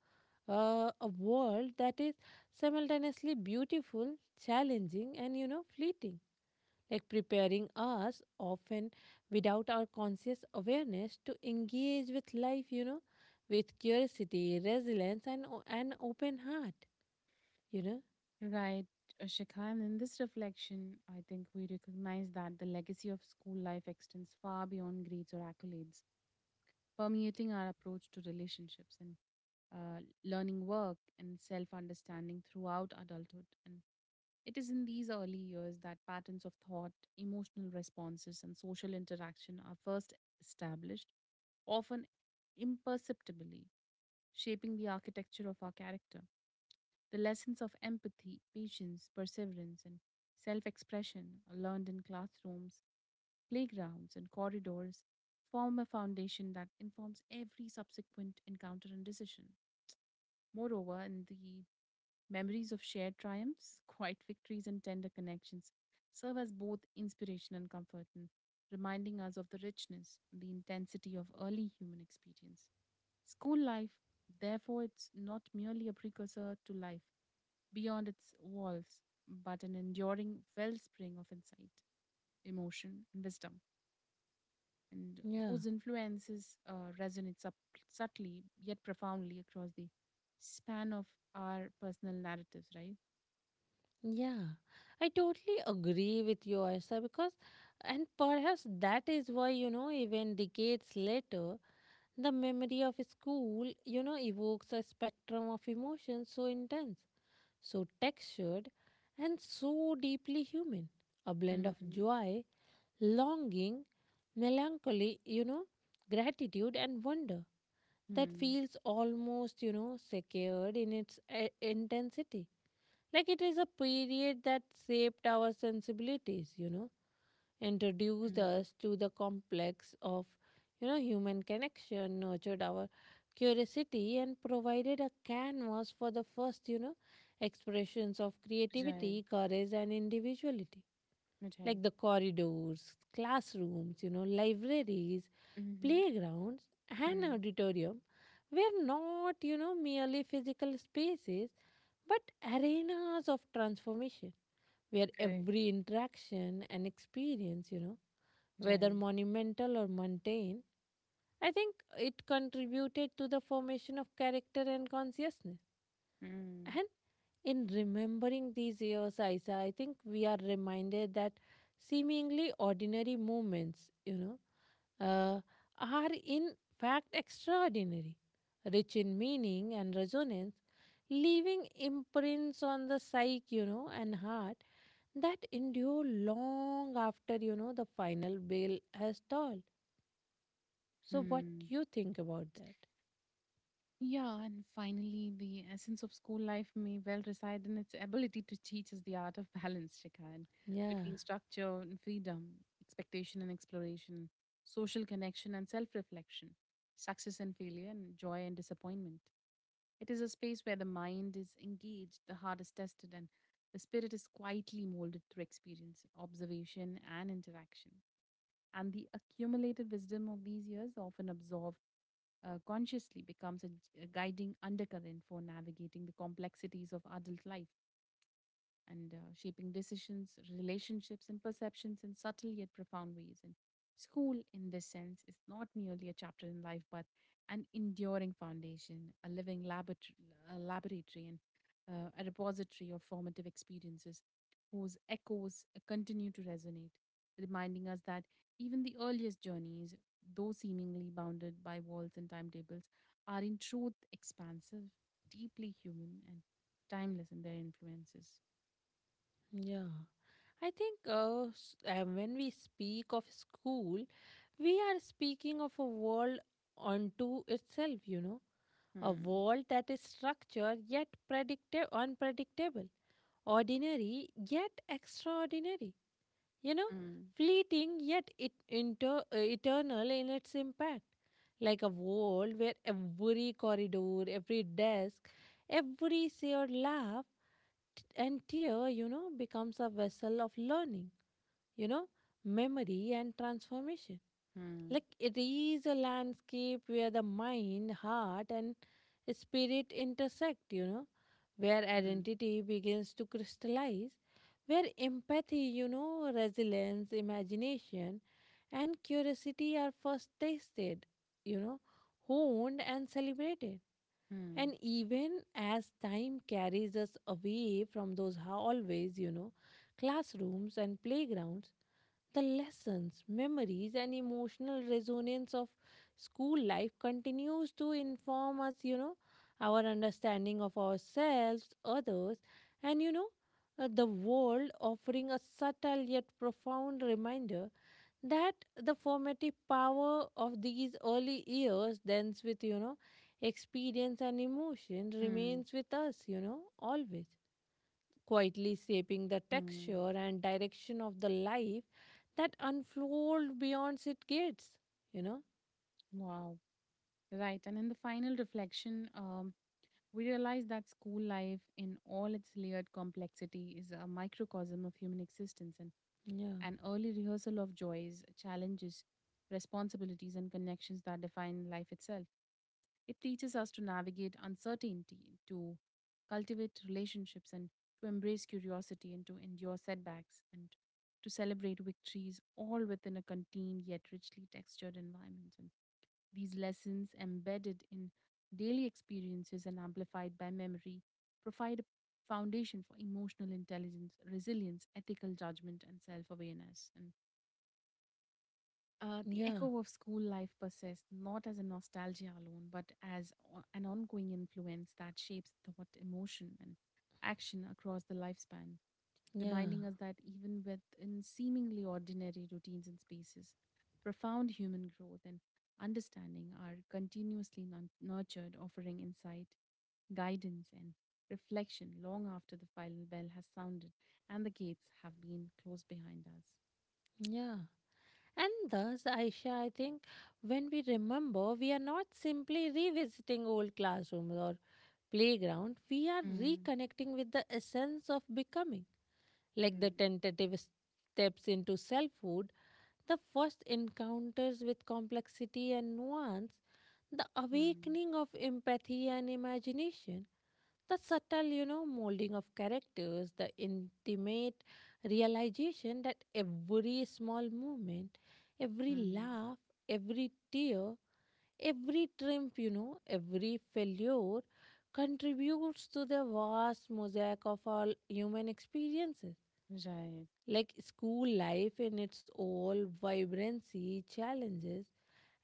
uh, a world that is simultaneously beautiful, challenging, and, fleeting, like preparing us often without our conscious awareness to engage with life, with curiosity, resilience, and an open heart, you know. Right, Shikha. And in this reflection, I think we recognize that the legacy of school life extends far beyond grades or accolades, permeating our approach to relationships and learning work and self understanding throughout adulthood. And it is in these early years that patterns of thought, emotional responses, and social interaction are first established, often imperceptibly, shaping the architecture of our character. The lessons of empathy, patience, perseverance, and self expression are learned in classrooms playgrounds, and corridors form a foundation that informs every subsequent encounter and decision. Moreover, in the memories of shared triumphs, *laughs* quiet victories, and tender connections serve as both inspiration and comfort, and reminding us of the richness and the intensity of early human experience. School life, therefore, it's not merely a precursor to life beyond its walls, but an enduring wellspring of insight, emotion, and wisdom and Yeah, whose influences resonate subtly yet profoundly across the span of our personal narratives, right? yeah. I totally agree with you, Asha, because, and perhaps that is why, you know, even decades later, the memory of school, you know, evokes a spectrum of emotions so intense, so textured, and so deeply human. A blend of Mm, joy, longing, melancholy, gratitude, and wonder that mm, feels almost, secured in its intensity. Like it is a period that shaped our sensibilities, introduced mm. us to the complex of, you know, human connection, nurtured our curiosity, and provided a canvas for the first, you know, expressions of Right, creativity, courage, and individuality, right. like the corridors, classrooms, libraries, Mm-hmm. playgrounds, and Mm, auditorium were not, merely physical spaces but arenas of transformation where correct, every interaction and experience, whether right. monumental or mundane, I think it contributed to the formation of character and consciousness. Mm, And in remembering these years, Isa, I think we are reminded that seemingly ordinary moments, uh, are in fact extraordinary, rich in meaning and resonance, leaving imprints on the psyche, and heart that endure long after, the final bell has tolled. So, what do mm. you think about that? Yeah, and finally, the essence of school life may well reside in its ability to teach us the art of balance, Shikhan, Yeah, between structure and freedom, expectation and exploration, social connection and self reflection, success and failure, and joy and disappointment. It is a space where the mind is engaged, the heart is tested, and the spirit is quietly molded through experience, observation, and interaction. And the accumulated wisdom of these years, often absorbed consciously becomes a guiding undercurrent for navigating the complexities of adult life and shaping decisions, relationships, and perceptions in subtle yet profound ways. And school, in this sense, is not merely a chapter in life, but an enduring foundation, a living a laboratory, and a repository of formative experiences whose echoes continue to resonate, reminding us that even the earliest journeys, though seemingly bounded by walls and timetables, are in truth expansive, deeply human, and timeless in their influences. yeah. When we speak of school, we are speaking of a world unto itself, a Mm, world that is structured yet unpredictable, ordinary yet extraordinary, you know, mm, fleeting yet eternal in its impact. Like a world where every corridor, every desk, every shared laugh and tear, becomes a vessel of learning, you know, memory, and transformation. mm, Like it is a landscape where the mind, heart, and spirit intersect, where mm, identity begins to crystallize, where empathy, resilience, imagination, and curiosity are first tasted, you know, honed, and celebrated. mm, And even as time carries us away from those always, classrooms and playgrounds, the lessons, memories, and emotional resonance of school life continues to inform us, our understanding of ourselves, others, and, the world, offering a subtle yet profound reminder that the formative power of these early years, dense with, experience and emotion, mm, remains with us, always quietly shaping the mm. texture and direction of the life that unfold beyond its gates, you know. Wow. Right. And in the final reflection, we realize that school life, in all its layered complexity, is a microcosm of human existence and yeah an early rehearsal of joys, challenges, responsibilities, and connections that define life itself. It teaches us to navigate uncertainty, to cultivate relationships, and to embrace curiosity, and to endure setbacks, and to celebrate victories, all within a contained yet richly textured environment. And these lessons, embedded in daily experiences and amplified by memory, provide a foundation for emotional intelligence, resilience, ethical judgment, and self awareness. And the yeah echo of school life persists not as a nostalgia alone, but as an ongoing influence that shapes thought, emotion, and action across the lifespan, yeah reminding us that even within seemingly ordinary routines and spaces, profound human growth and understanding are continuously nurtured, offering insight, guidance, and reflection long after the final bell has sounded and the gates have been closed behind us. yeah and thus, Aisha, I think when we remember we are not simply revisiting old classrooms or playground, we are Mm, reconnecting with the essence of becoming, like the mm, tentative steps into selfhood, the first encounters with complexity and nuance, the mm. awakening of empathy and imagination, the subtle, molding of characters, the intimate realization that every small movement, every Mm, laugh, every tear, every triumph, every failure contributes to the vast mosaic of all human experiences, right. like school life in its all vibrancy, challenges,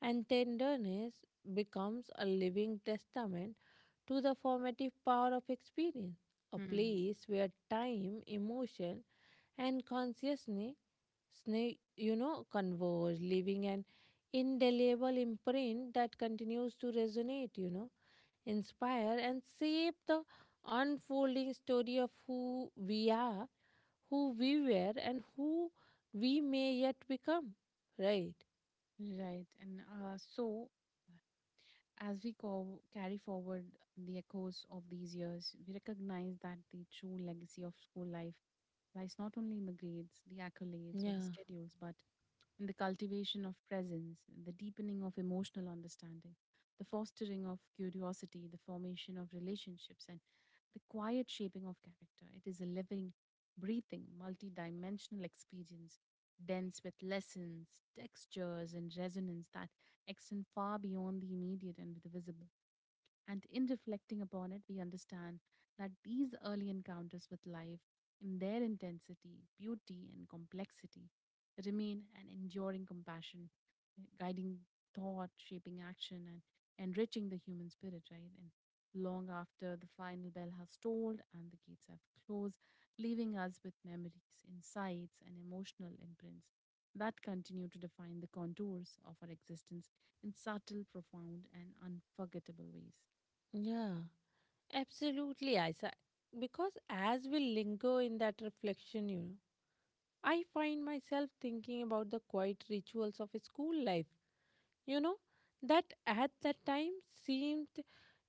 and tenderness becomes a living testament to the formative power of experience, a Mm, place where time, emotion, and consciousness, converge, leaving an indelible imprint that continues to resonate, inspire, and shape the unfolding story of who we are, who we were, and who we may yet become, right? right. And as we carry forward the echoes of these years, we recognize that the true legacy of school life lies not only in the grades, the accolades, or the Yeah, schedules, but in the cultivation of presence, the deepening of emotional understanding, the fostering of curiosity, the formation of relationships, and the quiet shaping of character. It is a living, breathing, multidimensional experience, dense with lessons, textures, and resonance that extend far beyond the immediate and the visible. And in reflecting upon it, we understand that these early encounters with life, in their intensity, beauty, and complexity, remain an enduring compassion, guiding thought, shaping action, and enriching the human spirit, right? And long after the final bell has tolled and the gates have closed, leaving us with memories, insights, and emotional imprints that continue to define the contours of our existence in subtle, profound, and unforgettable ways. yeah, absolutely, Isa. Because as we linger in that reflection, I find myself thinking about the quiet rituals of school life, you know, that at that time seemed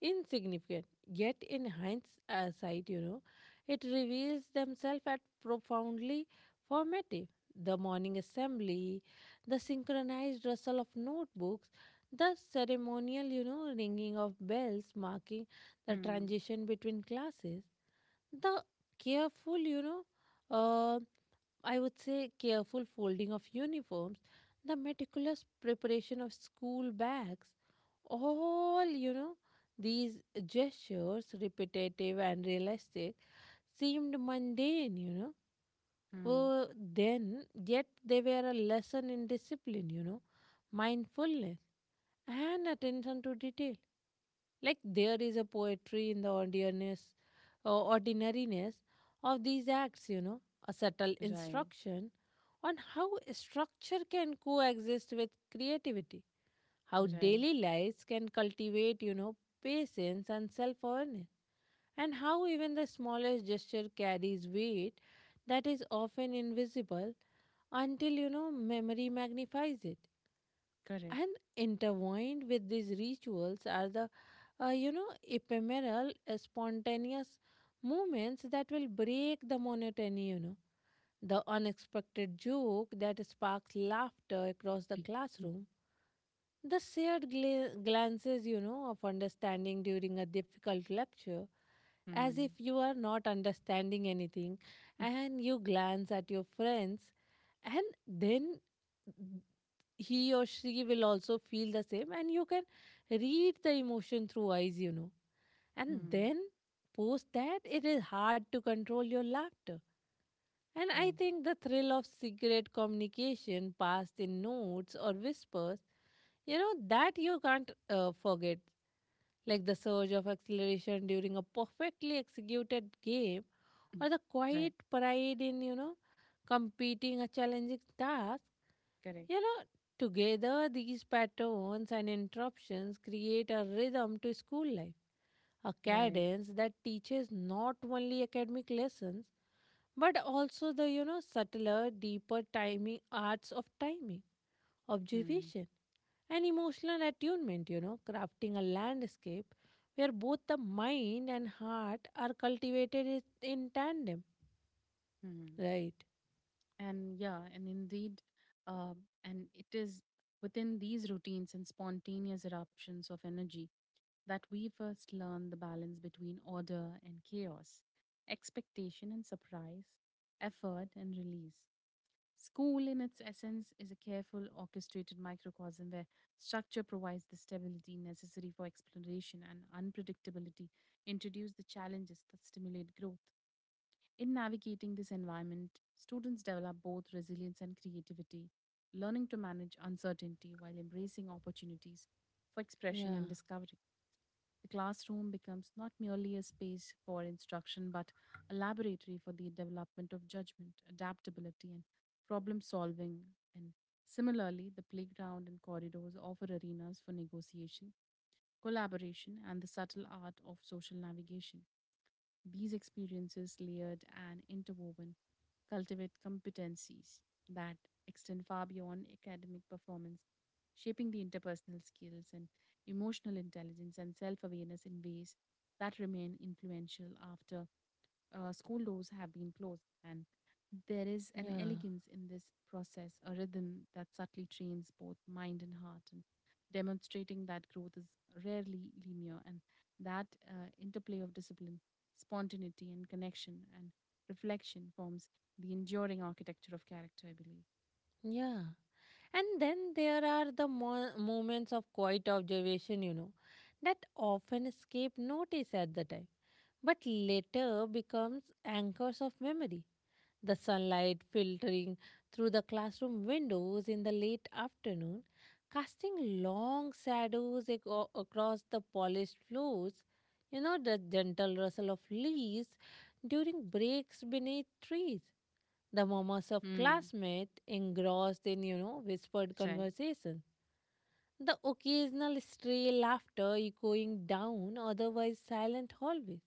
insignificant. Yet, in hindsight, it reveals themselves as profoundly formative. The morning assembly, the synchronized rustle of notebooks, the ceremonial, ringing of bells marking the Hmm. transition between classes, the careful, uh, I would say careful folding of uniforms, the meticulous preparation of school bags, all, these gestures, repetitive and realistic, seemed mundane, you know. Hmm. Then, yet they were a lesson in discipline, mindfulness, and attention to detail. Like there is a poetry in the ordinariness, ordinariness of these acts, a subtle Right. instruction on how structure can coexist with creativity, how right. daily lives can cultivate, patience and self awareness, and how even the smallest gesture carries weight that is often invisible until, memory magnifies it. Correct. And intertwined with these rituals are the, ephemeral, spontaneous moments that will break the monotony, you know. The unexpected joke that sparks laughter across the classroom, the shared glances, of understanding during a difficult lecture, as if Hmm. you are not understanding anything, and you glance at your friends, and then he or she will also feel the same, and you can read the emotion through eyes, you know. And Hmm. then, post that, it is hard to control your laughter, and I Right. think the thrill of secret communication passed in notes or whispers, that you can't forget. Like the surge of acceleration during a perfectly executed game Mm. or the quiet Right, pride in, competing a challenging task. correct, You know, together these patterns and interruptions create a rhythm to school life, a right. cadence that teaches not only academic lessons but also the, you know, subtler, deeper timing, arts of timing, Hmm. observation, and emotional attunement, you know, crafting a landscape where both the mind and heart are cultivated in tandem, Mhm. right? And yeah, and indeed, uh, and it is within these routines and spontaneous eruptions of energy that we first learn the balance between order and chaos, expectation and surprise, effort and release. School, in its essence, is a careful, orchestrated microcosm where structure provides the stability necessary for exploration and unpredictability, introduce the challenges that stimulate growth. In navigating this environment, students develop both resilience and creativity, learning to manage uncertainty while embracing opportunities for expression yeah and discovery. The classroom becomes not merely a space for instruction but a laboratory for the development of judgment, adaptability, and problem solving. And similarly, the playground and corridors offer arenas for negotiation, collaboration, and the subtle art of social navigation. These experiences, layered and interwoven, cultivate competencies that extend far beyond academic performance, shaping the interpersonal skills and emotional intelligence and self awareness in ways that remain influential after school doors have been closed. And there is an yeah elegance in this process, a rhythm that subtly trains both mind and heart, and demonstrating that growth is rarely linear and that interplay of discipline, spontaneity and connection and reflection forms the enduring architecture of character, I believe. yeah and then there are the moments of quiet observation, that often escape notice at the time but later becomes anchors of memory, the sunlight filtering through the classroom windows in the late afternoon, casting long shadows across the polished floors. You know, the gentle rustle of leaves during breaks beneath trees, the murmurs of Hmm. classmates engrossed in, whispered Right. conversation. The occasional stray laughter echoing down otherwise silent hallways.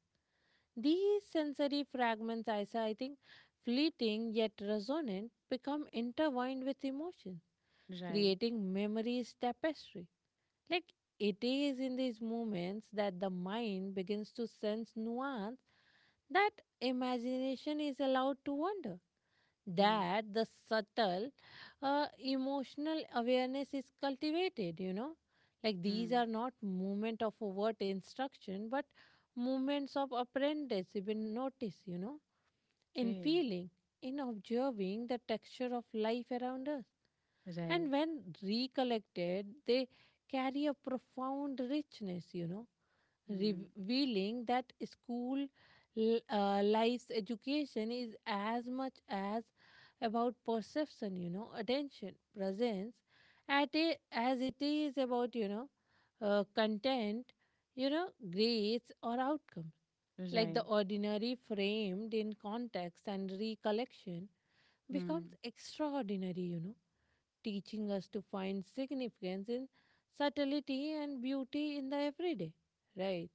These sensory fragments, Aisha, I think, fleeting yet resonant, become intertwined with emotions, Right. creating memories tapestry. Like it is in these moments that the mind begins to sense nuance, that imagination is allowed to wander, Hmm. that the subtle emotional awareness is cultivated, you know, like these are Hmm. not movement of overt instruction but movements of apprentice even notice, you know, in Okay. feeling, in observing the texture of life around us. Right. And when recollected, they carry a profound richness, Hmm. revealing that school life's education is as much as about perception, attention, presence, at a, as it is about, content, grades or outcomes, like the Right. ordinary framed in context and recollection becomes Hmm. extraordinary, teaching us to find significance in subtlety and beauty in the everyday. Right?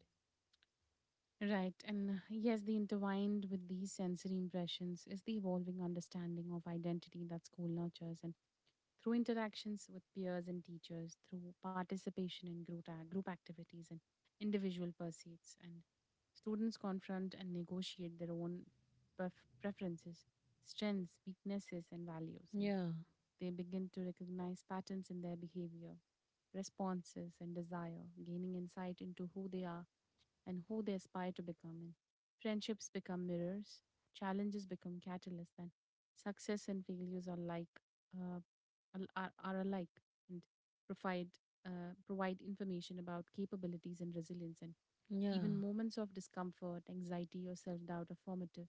Right. And yes, the intertwined with these sensory impressions is the evolving understanding of identity that school nurtures. And through interactions with peers and teachers, through participation in group activities and individual pursuits. And students confront and negotiate their own preferences, strengths, weaknesses, and values. And Yeah, they begin to recognize patterns in their behavior, responses, and desire, gaining insight into who they are and who they aspire to become in. Friendships become mirrors, challenges become catalysts, and success and failures are uh, are alike and provide provide information about capabilities and resilience and yeah, even moments of discomfort, anxiety, or self doubt are formative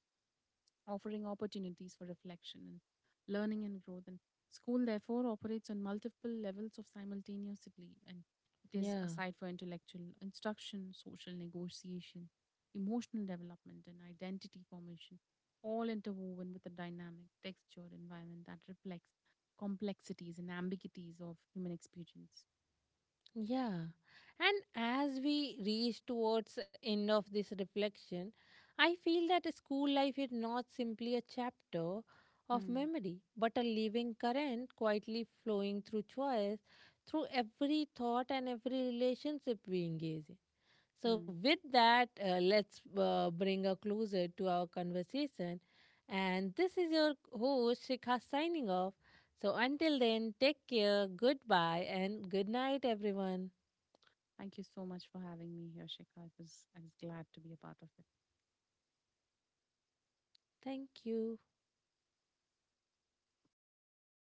offering opportunities for reflection and learning and growth. And school, therefore, operates on multiple levels of simultaneously, and it is a yeah. site for intellectual instruction, social negotiation, emotional development, and identity formation, all interwoven with a dynamic, textured environment that reflects complexities and ambiguities of human experience. Yeah. And as we reach towards the end of this reflection, I feel that school life is not simply a chapter of Hmm. memory, but a living current quietly flowing through choice, through every thought and every relationship we engage in. So, Hmm. with that, let's bring a closer to our conversation. And this is your host, Shikha, signing off. So, until then, take care, goodbye, and good night, everyone. Thank you so much for having me here, Shikha. I was glad to be a part of it. Thank you.